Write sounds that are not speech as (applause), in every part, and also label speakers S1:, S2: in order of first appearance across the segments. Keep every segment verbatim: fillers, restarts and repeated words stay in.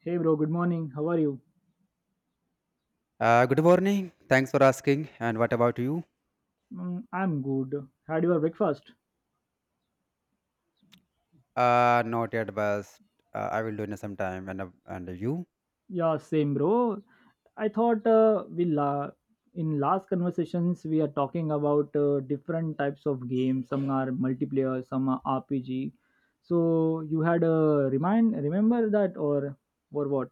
S1: Hey bro, good morning. How are you?
S2: Uh, good morning. Thanks for asking. And what about you?
S1: Mm, I'm good. Had your breakfast?
S2: Uh, not yet, but uh, I will do in some time. And uh, and you?
S1: Yeah, same bro. I thought uh, we la- in last conversations we are talking about uh, different types of games. Some are multiplayer, some are R P G. So you had a remind remember that or or what?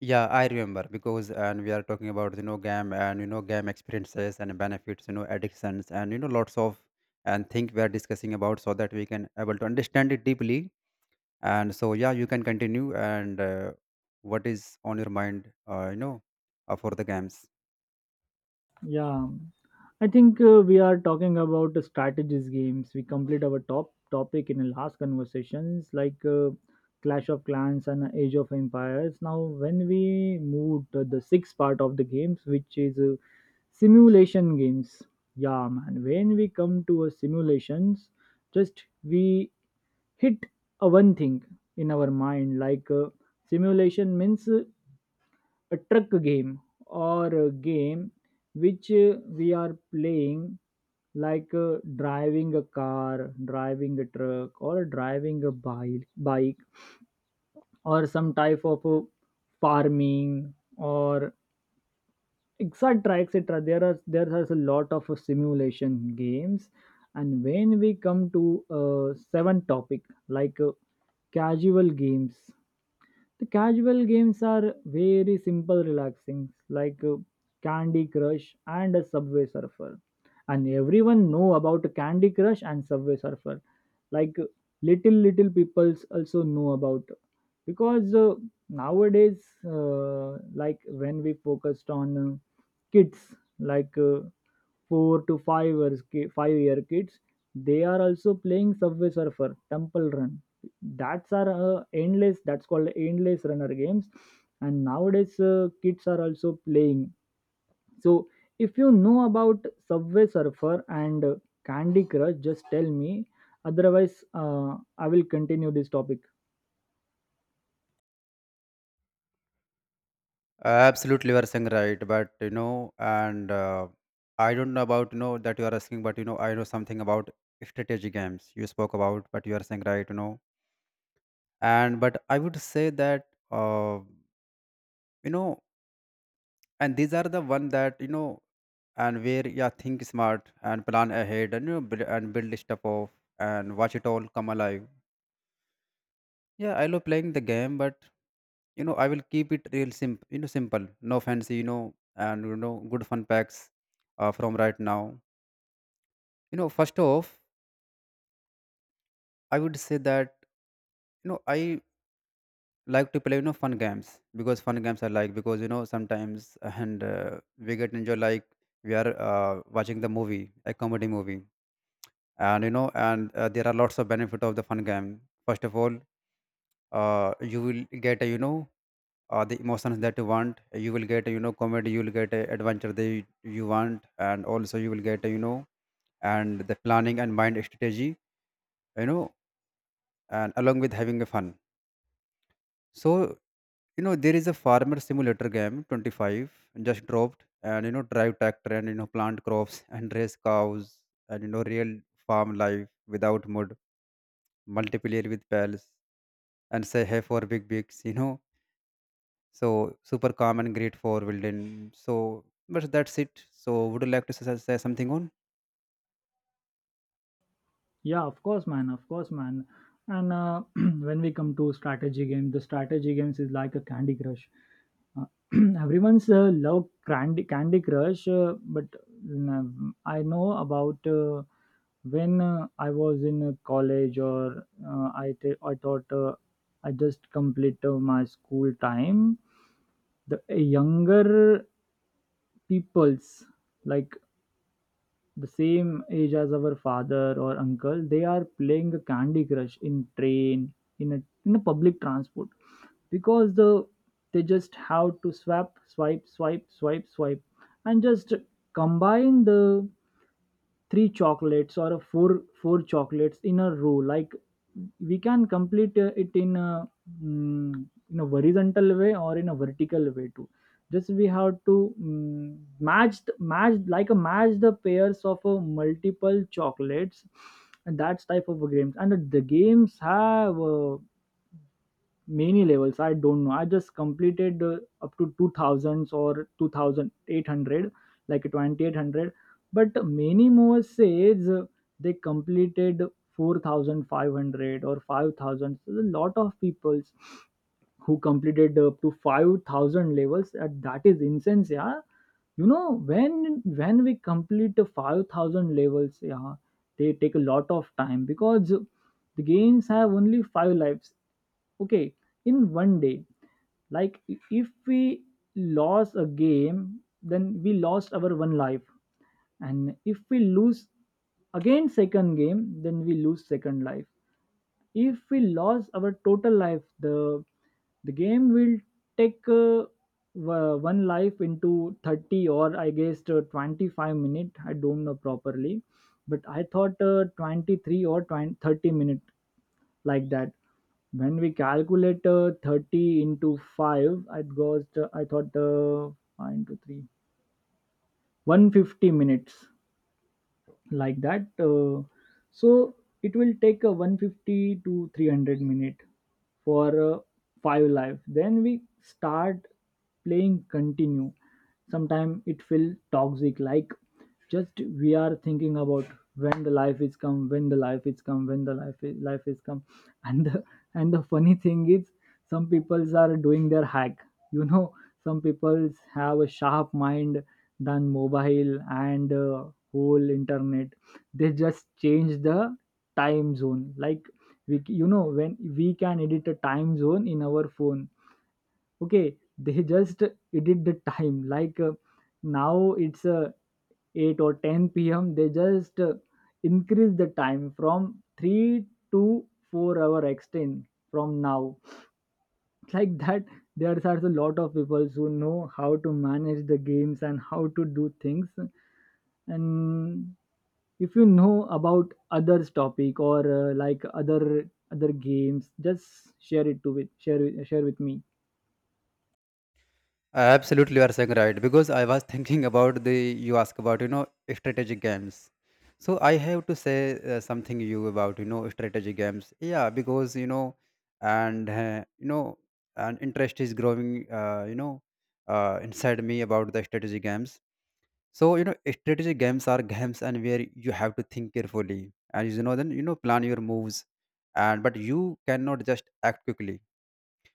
S2: Yeah, I remember because and we are talking about you know game and you know game experiences and benefits, you know addictions and you know lots of and think we are discussing about so that we can able to understand it deeply. And so yeah, you can continue and uh, what is on your mind? Uh, you know, uh, for the games.
S1: Yeah. I think uh, we are talking about the strategies games. We complete our top topic in the last conversations, like uh, Clash of Clans and Age of Empires. Now, when we move to the sixth part of the games, which is uh, simulation games. Yeah, man. When we come to a simulations, just we hit a one thing in our mind, like uh, simulation means uh, a truck game, or a game which uh, we are playing, like uh, driving a car, driving a truck, or driving a bike bike, or some type of uh, farming or etc etc. there are there are a lot of uh, simulation games. And when we come to uh, seventh topic, like uh, casual games. The casual games are very simple, relaxing, like uh, Candy Crush and a Subway Surfer. And everyone know about Candy Crush and Subway Surfer, like little little peoples also know about, because uh, nowadays, uh, like when we focused on uh, kids like uh, four to five or five year kids, they are also playing Subway Surfer, Temple Run. That's are uh, endless, that's called endless runner games. And nowadays uh, kids are also playing. So if you know about Subway Surfer and Candy Crush, just tell me. Otherwise, uh, I will continue this topic.
S2: Absolutely, you are saying right, but you know, and uh, I don't know about you know that you are asking, but you know, I know something about strategy games you spoke about, but you are saying right, you know, and but I would say that uh, you know, and these are the one that you know, and where yeah, think smart and plan ahead, and you know, build, and build stuff off and watch it all come alive. Yeah, I love playing the game, but you know, I will keep it real simple, you know, simple, no fancy, you know, and you know, good fun packs uh, from right now, you know, first off, I would say that you know I like to play you know fun games because fun games I like because you know sometimes and uh, we get enjoy like we are uh, watching the movie, a comedy movie, and you know and uh, there are lots of benefit of the fun game. First of all, uh, you will get uh, you know uh, the emotions that you want. You will get uh, you know comedy, you will get uh, adventure that you, you want, and also you will get uh, you know and the planning and mind strategy, you know, and along with having a fun. So, you know, there is a farmer simulator game twenty-five just dropped and, you know, drive tractor and, you know, plant crops and raise cows and, you know, real farm life without mud, multiplayer with pals and say hey for big bigs, you know. So, super calm and great for building. So, but that's it. So, would you like to say, say something on?
S1: Yeah, of course, man. Of course, man. And uh, (clears throat) when we come to strategy game, the strategy games is like a Candy Crush. Uh, (clears throat) everyone's uh, love Candy Candy Crush, uh, but mm, I know about uh, when uh, I was in uh, college, or uh, I th- I thought uh, I just complete uh, my school time. The younger peoples, like the same age as our father or uncle, they are playing a Candy Crush in train, in a in a public transport, because the they just have to swap, swipe swipe swipe swipe, and just combine the three chocolates or a four four chocolates in a row. Like, we can complete uh, it in a, mm, in a horizontal way, or in a vertical way too. Just we have to mm, match th- match, like a match, the pairs of a multiple chocolates. And that's type of games. And the games have uh, many levels. I don't know, I just completed uh, up to two thousands or two thousand eight hundred, like two thousand eight hundred. But many more says uh, they completed four thousand five hundred or five thousand. So a lot of peoples who completed up to five thousand levels, uh, that is insane. Yeah. You know, when when we complete the five thousand levels, yeah, they take a lot of time, because the games have only five lives. Okay, in one day, like, i- if we lost a game, then we lost our one life. And if we lose again second game, then we lose second life. If we lose our total life, the the game will take uh, wa- one life into thirty, or I guess uh, twenty-five minute, I don't know properly. But I thought uh, twenty-three or twenty thirty minute, like that. When we calculate uh, thirty into five, it goes to, I thought uh, five into 3, 150 minutes, like that, uh, so it will take a one hundred fifty to three hundred minute for uh, five live. Then we start playing continue. Sometimes it feel toxic, like, just we are thinking about when the life is come, when the life is come, when the life is life is come. (laughs) and the, and the funny thing is, some peoples are doing their hack you know some peoples have a sharp mind than mobile and uh, whole internet. They just change the time zone, like, we c- you know, when we can edit a time zone in our phone. Okay, they just edit the time, like uh, now it's uh, eight or ten p m. They just uh, increase the time from three to four hour extend from now, (laughs) like that. There are a lot of people who know how to manage the games and how to do things. And if you know about others topic, or uh, like other other games, just share it to with share with- share with me.
S2: Absolutely, you are saying right. Because I was (laughs) thinking about the you ask about you know strategic games. So I have to say uh, something you about you know strategy games. Yeah, because you know, and uh, you know, and interest is growing. Uh, you know, uh, inside me about the strategy games. So you know, strategy games are games and where you have to think carefully and you know then you know plan your moves, and but you cannot just act quickly.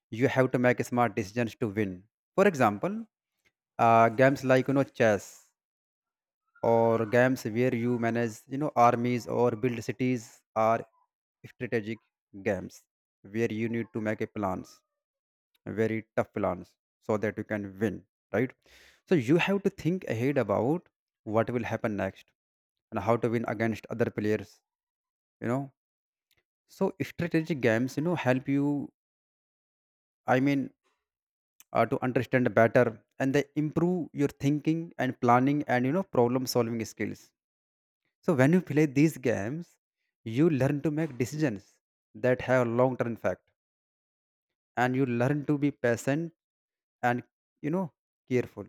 S2: You have to make smart decisions to win. For example, uh, games like you know chess or games where you manage you know armies or build cities are strategic games where you need to make a plans, very tough plans, so that you can win, right, so you have to think ahead about what will happen next and how to win against other players, you know, so strategic games you know help you, I mean, uh, to understand better, and they improve your thinking and planning and you know problem solving skills. So when you play these games, you learn to make decisions that have long-term effect, and you learn to be patient and you know careful.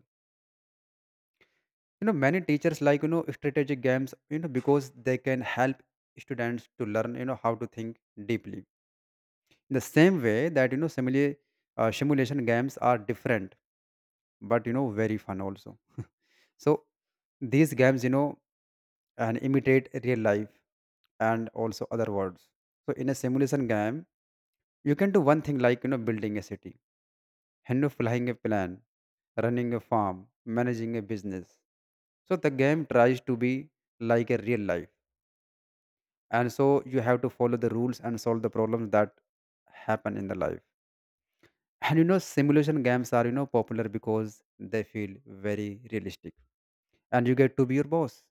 S2: You know many teachers like you know strategic games, you know, because they can help students to learn you know how to think deeply. In the same way that you know simile, uh, simulation games are different, but you know very fun also. So these games you know and imitate real life and also other worlds. So in a simulation game you can do one thing like, you know, building a city, and you know, flying a plane, running a farm, managing a business. So the game tries to be like a real life. And so you have to follow the rules and solve the problems that happen in the life. And you know, simulation games are, you know, popular because they feel very realistic. And you get to be your boss,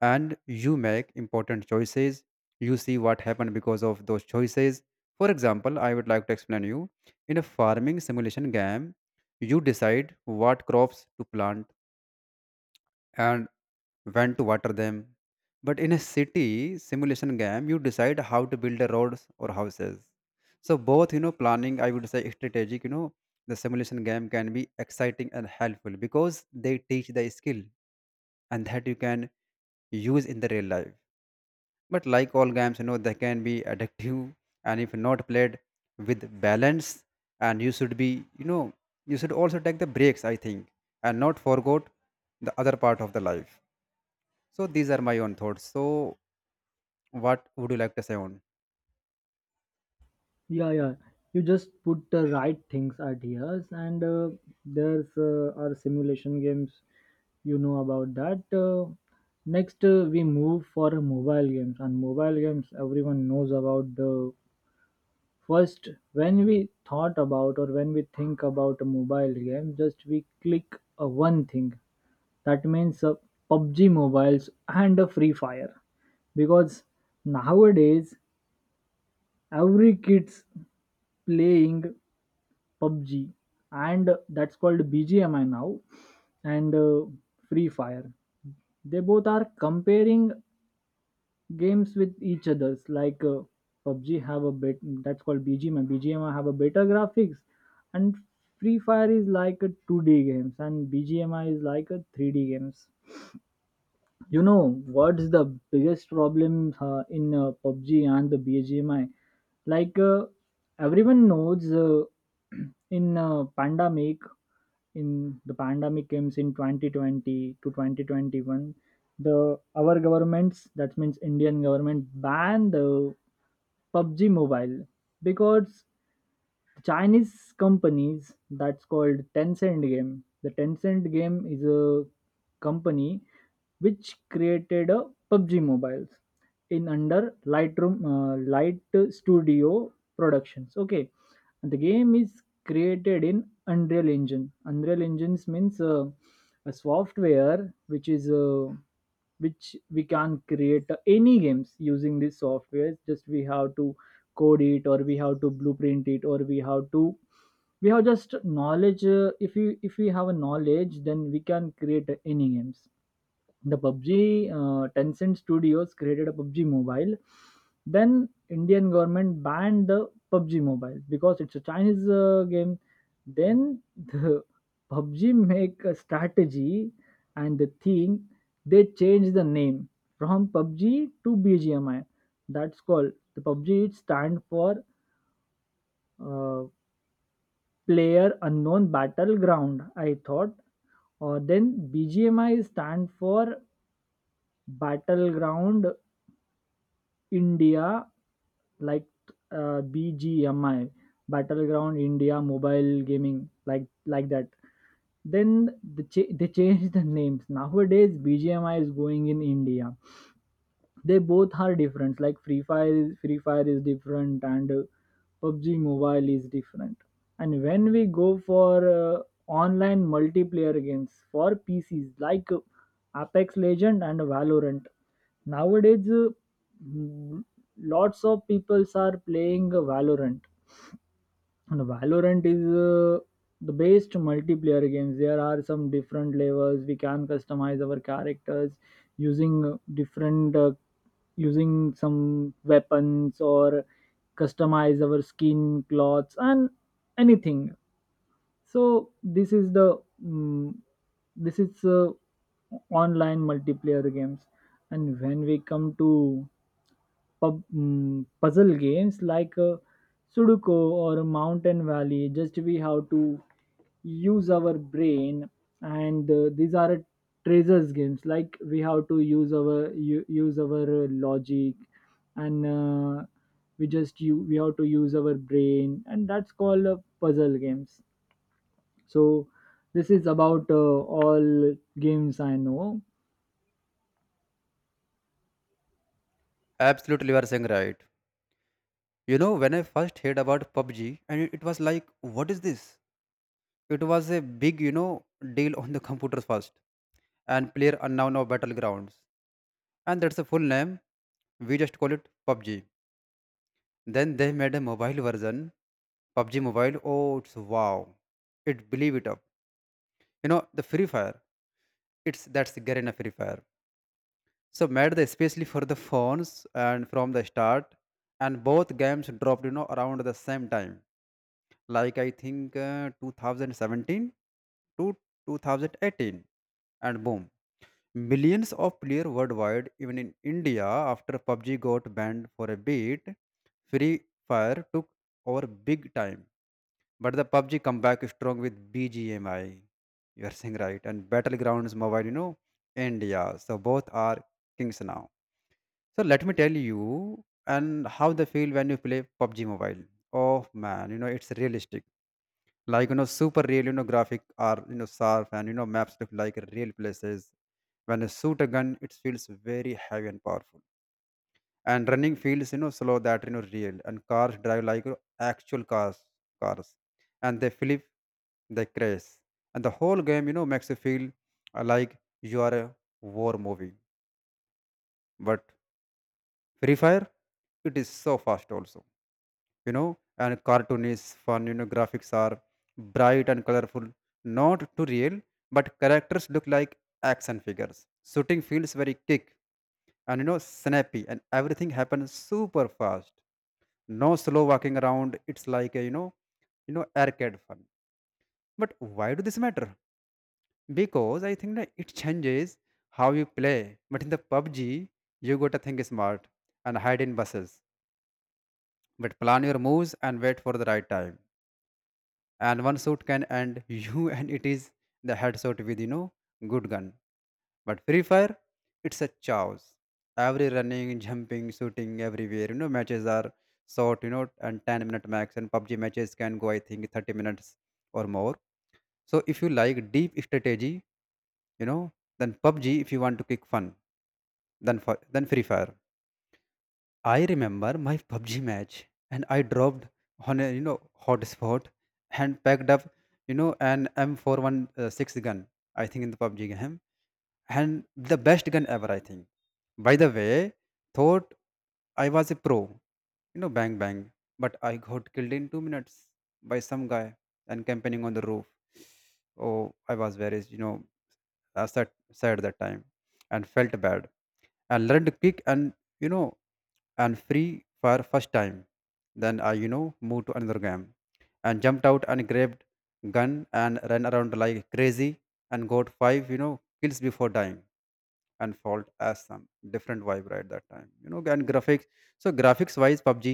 S2: and you make important choices, you see what happened because of those choices. For example, I would like to explain you in a farming simulation game you decide what crops to plant and when to water them, but in a city simulation game you decide how to build the roads or houses. So both you know planning, I would say strategic, you know, the simulation game can be exciting and helpful because they teach the skill and that you can use in the real life. But like all games, you know, they can be addictive, and if not played with balance, and you should be, you know, you should also take the breaks, I think, and not forget the other part of the life. So these are my own thoughts. So what would you like to say on?
S1: Yeah, yeah, you just put the right things, ideas, and uh, there's uh, our simulation games, you know about that. Uh, next, uh, we move for mobile games. And mobile games, everyone knows about the first. When we thought about, or when we think about a mobile game, just we click a one thing. That means uh, PUBG mobiles and uh, Free Fire, because nowadays every kids playing PUBG, and that's called B G M I now, and uh, Free Fire. They both are comparing games with each others, like uh, PUBG have a bit, that's called B G M I. B G M I have a better graphics. And Free Fire is like a two D games, and B G M I is like a three D games. You know what's the biggest problem uh, in uh, PUBG and the B G M I? Like uh, everyone knows, uh, (clears throat) in uh, pandemic, in the pandemic comes in twenty twenty to twenty twenty-one, the our governments, that means Indian government, banned the PUBG Mobile, because Chinese companies, that's called Tencent Game. The Tencent Game is a company which created a PUBG Mobiles in under Lightroom uh, Light Studio Productions. Okay, the game is created in Unreal Engine. Unreal Engines means uh, a software which is uh, which we can create uh, any games using this software. Just we have to code it, or we have to blueprint it, or we have to, we have just knowledge, uh, if you if we have a knowledge, then we can create uh, any games. The PUBG uh, Tencent Studios created a PUBG Mobile. Then Indian government banned the PUBG Mobile because it's a Chinese uh, game. Then the (laughs) PUBG make a strategy and the theme. They change the name from PUBG to B G M I. That's called the PUBG. It stand for uh, Player Unknown Battleground, I thought. Or then B G M I stand for Battleground India, like uh, B G M I, Battleground India Mobile Gaming, like like that. Then the cha- they changed the names. Nowadays, B G M I is going in India. They both are different. Like, free fire is- Free Fire is different, and uh, PUBG mobile is different. And when we go for uh, online multiplayer games for pcs, like uh, Apex Legend and Valorant. Nowadays uh, mm, lots of people are playing uh, Valorant. And Valorant is uh, the best multiplayer games. There are some different levels. We can customize our characters using uh, different, uh, using some weapons, or customize our skin, clothes, and anything. So this is the mm this is uh, online multiplayer games. And when we come to pub, mm, puzzle games like uh, Sudoku or Mountain Valley. Just we have to use our brain, and uh, these are treasures games. Like, we have to use our u- use our uh, logic, and uh, we just you we have to use our brain, and that's called uh, puzzle games. So this is about uh, all games I know.
S2: Absolutely, you are saying right. You know, when I first heard about P U B G, and it it was like, what is this? It was a big, you know, deal on the computer first, and player unknown of battlegrounds, and that's a full name. We just call it P U B G. Then they made a mobile version, P U B G Mobile. Oh, it's wow! It believe it up. You know the Free Fire. It's that's the Garena Free Fire. So made the especially for the phones and from the start, and both games dropped you know around the same time. Like I think uh, two thousand seventeen to twenty eighteen, and boom, millions of players worldwide. Even in India, after P U B G got banned for a bit, Free Fire took over big time. But the P U B G come back strong with B G M I, you're saying right, and Battlegrounds Mobile, you know, India. So both are kings now. So let me tell you and how they feel when you play P U B G Mobile. Oh man, you know, it's realistic. Like, you know, super real, you know, graphic are, you know, sharp and, you know, maps look like real places. When you shoot a gun, it feels very heavy and powerful, and running feels you know slow that you know real, and cars drive like you know, actual cars cars, and they flip, they crash, and the whole game you know makes you feel uh, like you are a war movie. But Free Fire, it is so fast also, you know, and cartoon is fun, you know graphics are bright and colorful, not too real, but characters look like action figures, shooting feels very kick and you know snappy, and everything happens super fast, no slow walking around. It's like a you know, you know arcade fun. But why do this matter? Because I think that it changes how you play, but in the PUBG you got to think smart and hide in buses, but plan your moves and wait for the right time, and one shot can end you (laughs) and it is the headshot with you know good gun. But Free Fire, it's a chaos. Every running, jumping, shooting everywhere. You know, matches are short, you know, and ten minute max. And P U B G matches can go, I think, thirty minutes or more. So if you like deep strategy, you know, then P U B G, if you want to kick fun, then, fi- then Free Fire. I remember my P U B G match and I dropped on a, you know, hot spot and packed up, you know, an M four sixteen gun, I think, in the P U B G game and the best gun ever, I think. By the way, thought I was a pro, you know, bang bang, but I got killed in two minutes by some guy and campaigning on the roof. Oh, I was very, you know, uh, sad, sad that time and felt bad and learned to kick and, you know, and free for first time. Then I, you know, moved to another game and jumped out and grabbed gun and ran around like crazy and got five, you know, kills before dying and fault as some different vibe right that time, you know, and graphics. So graphics wise PUBG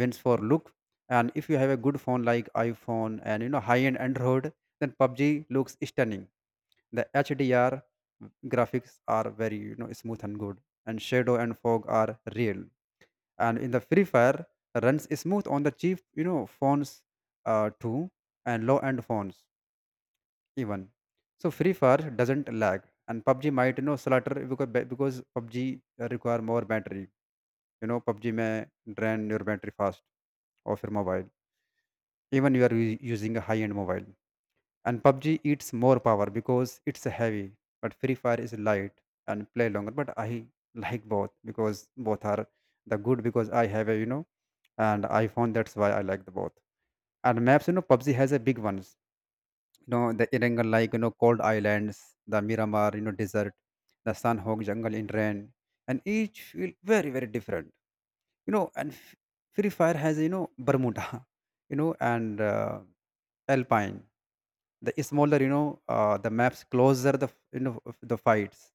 S2: wins for look, and if you have a good phone like iPhone and you know high end android, then PUBG looks stunning. The H D R graphics are very you know smooth and good, and shadow and fog are real. And in the Free Fire runs smooth on the cheap you know phones uh, too, and low end phones even. So Free Fire doesn't lag, and P U B G might you know slaughter because be- because P U B G require more battery. You know P U B G may drain your battery fast of your mobile, even you are u- using a high end mobile. And P U B G eats more power because it's heavy, but Free Fire is light and play longer. But I (laughs) like both because both are the good because I have a you know and iPhone. That's why I like the both. And maps, you know, P U B G has a big ones you know the Irangal, like you know cold islands, the Miramar you know desert, the Sanhok jungle in rain, and each feel very very different. You know, and f- Free Fire has you know Bermuda, (laughs) you know, and uh, Alpine. The smaller you know uh, the maps closer the f- you know f- the fights,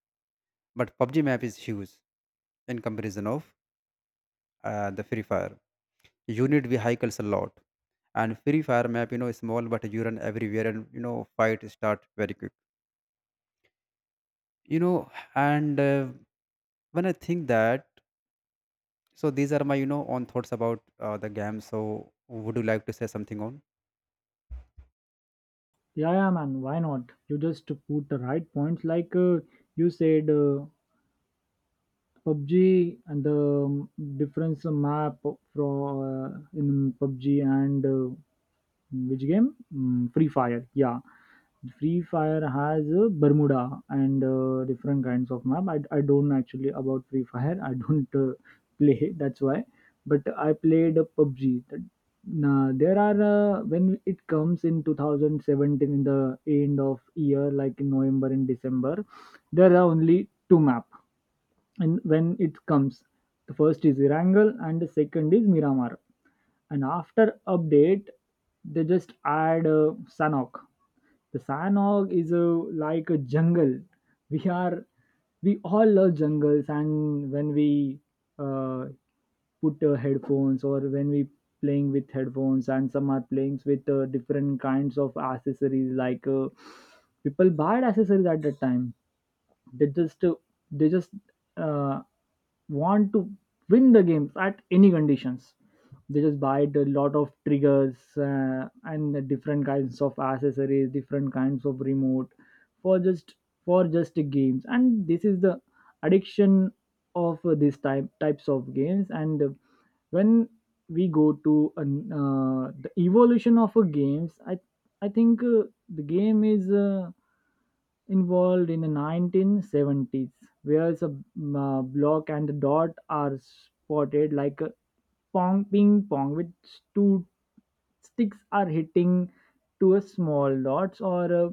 S2: but P U B G map is huge in comparison of uh, the Free Fire. You need vehicles a lot, and Free Fire map you know is small, but you run everywhere and you know fight start very quick you know and uh, when I think that, so these are my you know own thoughts about uh, the game. So would you like to say something on?
S1: Yeah, yeah, man. Why not? You just put the right points, like uh, you said. Uh, PUBG, and the um, difference map from uh, in PUBG, and uh, which game? Mm, Free Fire. Yeah, Free Fire has uh, Bermuda and uh, different kinds of map. I, I don't actually about Free Fire, I don't uh, play. (laughs) That's why. But I played uh, PUBG. That- Now there are uh, when it comes in twenty seventeen, in the end of year, like in November and December, there are only two map. And when it comes, the first is Irangal and the second is Miramar. And after update, they just add uh, Sanok. The Sanok is a, like a jungle. we are we all love jungles. And when we uh, put uh, headphones, or when we playing with headphones, and some are playing with uh, different kinds of accessories, like uh, people buy accessories at that time. They just uh, they just uh, want to win the games at any conditions. They just buy a lot of triggers uh, and the different kinds of accessories, different kinds of remote, for just, for just the games. And this is the addiction of uh, these type types of games. And uh, when we go to an, uh, the evolution of a games, I I think uh, the game is uh, involved in the nineteen seventies, where a uh, block and a dot are spotted like a pong, ping pong, with two sticks are hitting to a small dots, or uh,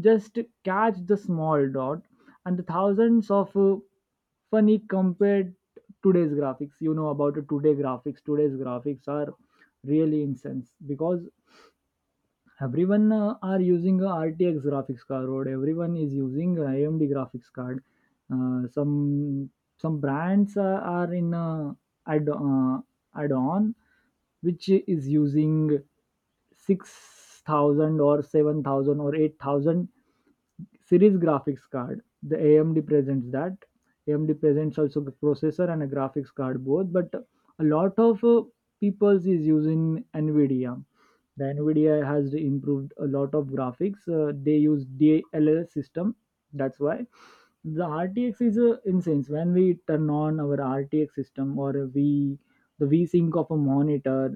S1: just catch the small dot. And the thousands of uh, funny compared today's graphics, you know about it. Today graphics today's graphics are really intense, because everyone uh, are using a R T X graphics card, or everyone is using a AMD graphics card. Uh, some some brands uh, are in uh, add uh, add on, which is using six thousand or seven thousand or eight thousand series graphics card. The AMD presents that, amd presents also the processor and a graphics card both. But a lot of uh, people is using Nvidia. The Nvidia has improved a lot of graphics, uh, they use D L L system, that's why the RTX is uh, incense. When we turn on our RTX system, or we, the vsync of a monitor,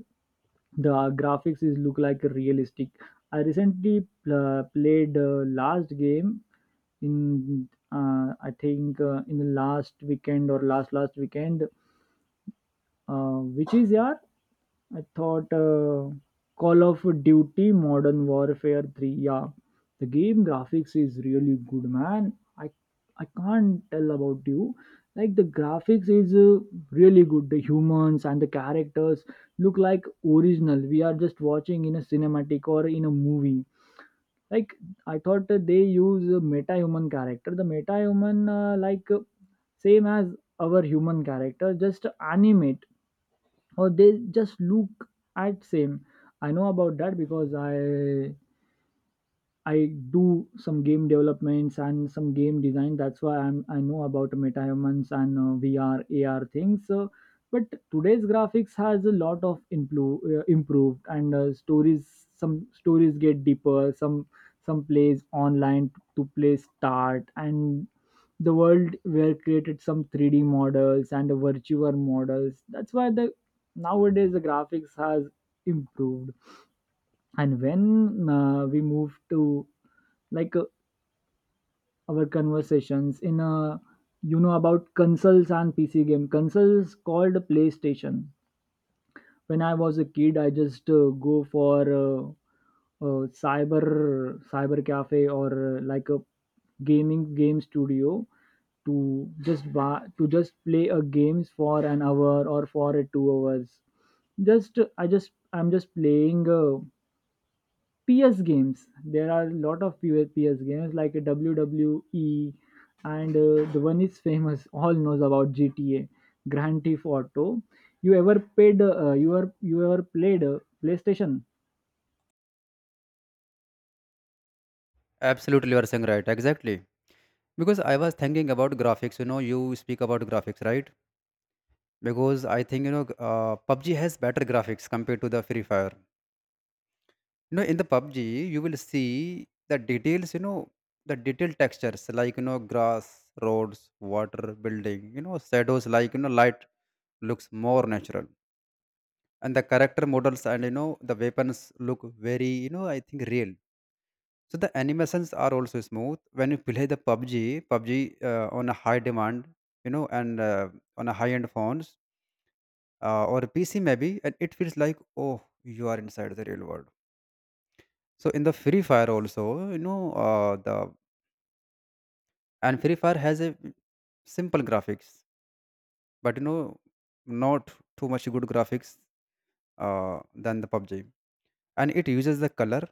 S1: the graphics is look like realistic. I recently pl- played uh, last game in uh, I think uh, in the last weekend or last last weekend, uh, which is, yeah, I thought uh, Call of Duty Modern Warfare three. Yeah, the game graphics is really good, man. I I can't tell about you. Like the graphics is uh, really good. The humans and the characters look like original. We are just watching in a cinematic or in a movie. Like, I thought that they use a meta-human character. The meta-human, uh, like uh, same as our human character, just animate, or they just look at same. I know about that because I I do some game developments and some game design. That's why I'm I know about MetaHumans and uh, V R A R things. So, but today's graphics has a lot of impro- uh, improved. And uh, stories, some stories get deeper. Some some plays online to play start, and the world were created, some three D models and virtual models. That's why the, nowadays the graphics has improved. And when uh, we move to, like uh, our conversations in a, you know about consoles and pc game consoles, called PlayStation. When I was a kid, I just uh, go for uh, uh, cyber cyber cafe, or uh, like a gaming game studio, to just buy, to just play a games for an hour or for a two hours. Just uh, i just I'm just playing uh, P S games. There are a lot of P S games like a W W E, and uh, the one is famous. All knows about G T A, Grand Theft Auto. You ever paid? Uh, you are you ever played uh, PlayStation?
S2: Absolutely, you are saying right, exactly, because I was thinking about graphics. You know, you speak about graphics, right, because I think you know uh, PUBG has better graphics compared to the Free Fire. You know, in the PUBG you will see the details, you know, the detailed textures like you know grass, roads, water, building, you know shadows, like you know light looks more natural, and the character models and you know the weapons look very you know I think real. So the animations are also smooth when you play the P U B G, P U B G uh, on a high demand, you know, and uh, on a high end phones uh, or P C maybe, and it feels like, oh, you are inside the real world. So in the Free Fire also, you know, uh, the and Free Fire has a simple graphics, but you know, not too much good graphics uh, than the P U B G. And it uses the color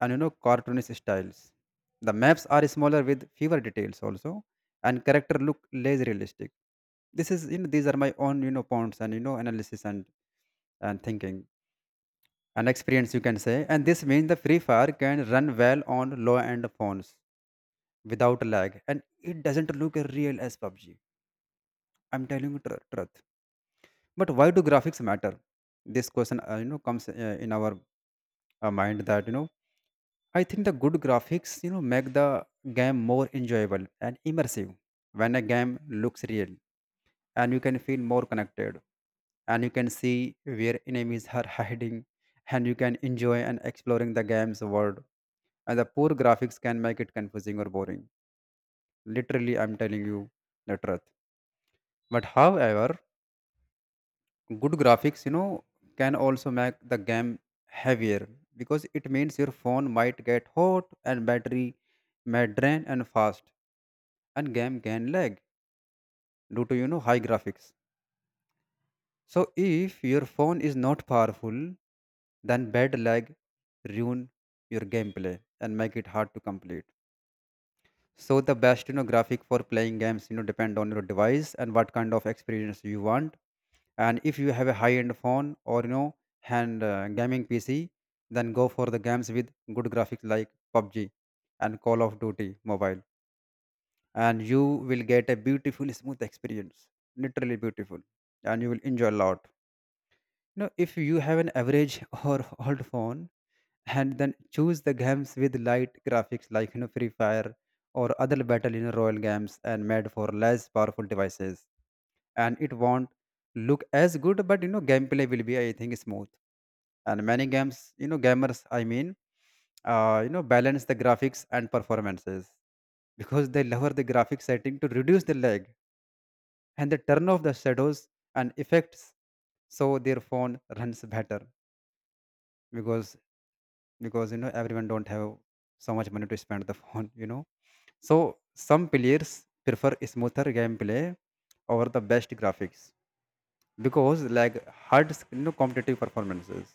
S2: and you know cartoonish styles. The maps are smaller with fewer details also, and character look less realistic. This is you know these are my own you know points and you know analysis and and thinking and experience, you can say, and this means the Free Fire can run well on low end phones without lag, and it doesn't look real as P U B G. I'm telling you tr- truth. But why do graphics matter? This question uh, you know comes uh, in our uh, mind, that you know I think the good graphics, you know, make the game more enjoyable and immersive. When a game looks real, and you can feel more connected, and you can see where enemies are (laughs) hiding, and you can enjoy and exploring the game's world. And the poor graphics can make it confusing or boring. Literally, I'm telling you the truth. But however, good graphics, you know, can also make the game heavier, because it means your phone might get hot and battery may drain and fast, and game can lag due to you know high graphics. So if your phone is not powerful, then bad lag ruin your gameplay and make it hard to complete. So the best you know graphic for playing games you know depend on your device and what kind of experience you want. And if you have a high end phone or you know hand uh, gaming P C, then go for the games with good graphics like P U B G and Call of Duty mobile, and you will get a beautiful smooth experience, literally beautiful, and you will enjoy a lot, you know. If you have an average (laughs) or old phone, and then choose the games with light graphics like you know Free Fire or other battle you know royal games and made for less powerful devices, and it won't look as good, but you know gameplay will be I think smooth. And many games you know gamers I mean uh, you know balance the graphics and performances, because they lower the graphic setting to reduce the lag, and they turn off the shadows and effects so their phone runs better. because because you know everyone don't have so much money to spend the (laughs) phone you know. So some players prefer smoother gameplay over the best graphics, because like hard you know competitive performances.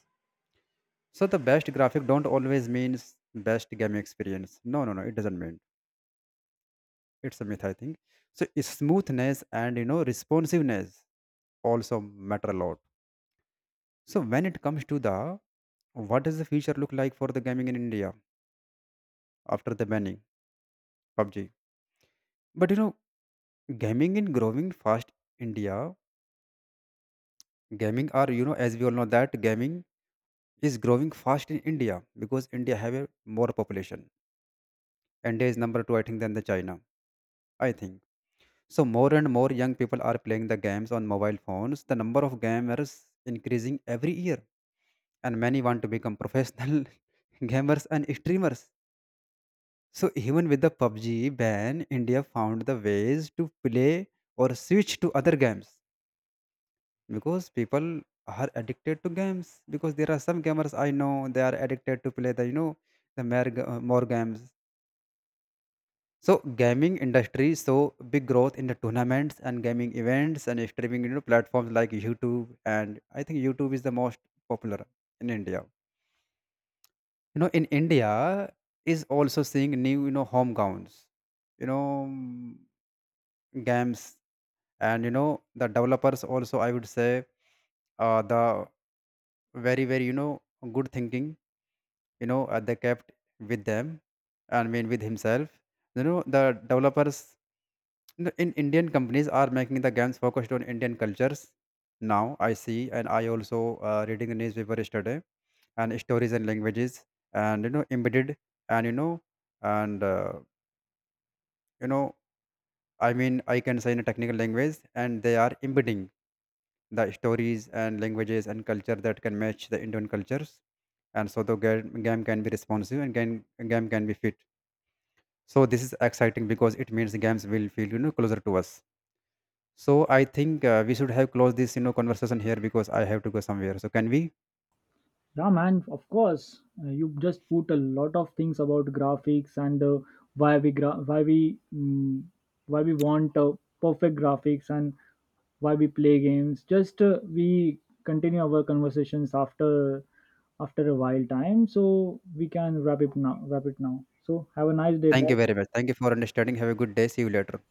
S2: So the best graphic don't always means best game experience. No, no, no, it doesn't mean. It's a myth, I think. So is smoothness and you know responsiveness also matter a lot. So when it comes to the, what does the future look like for the gaming in India after the banning P U B G? But you know, gaming in growing fast India, gaming are you know, as we all know that gaming is growing fast in India, because India have a more population. India is number two, I think, than the China, I think so. More and more young people are playing the games on mobile phones. The number of gamers increasing every year, and many want to become professional (laughs) gamers and streamers. So even with the P U B G ban, India found the ways to play or switch to other games, because people are addicted to games. Because there are some gamers I know they are addicted to play the you know the more, g- uh, more games. So gaming industry saw big growth in the tournaments and gaming events and streaming you know platforms like YouTube, and I think YouTube is the most popular in India. You know in India is also seeing new you know hometowns. You know games and you know the developers also I would say uh, the very very you know good thinking, you know uh, they kept with them, I mean with himself, you know, the developers in in Indian companies are making the games focused on Indian cultures. Now I see, and I also uh, reading the newspaper yesterday, and stories and languages and you know embedded and you know and uh, you know I mean I can say, in a technical language, and they are embedding the stories and languages and culture that can match the Indian cultures. And so the ga- game can be responsive and game, game can be fit. So this is exciting because it means the games will feel you know closer to us. So I think uh, we should have closed this you know conversation here because I have to go somewhere. So can we?
S1: Yeah, man, of course. Uh, you just put a lot of things about graphics, and uh, why we gra- why we mm, why we want uh, perfect graphics, and why we play games. Just uh, we continue our conversations after after a while time, so we can wrap it now. Wrap it now. So have a nice day.
S2: Thank
S1: Bye.
S2: you very much. Thank you for understanding. Have a good day. See you later.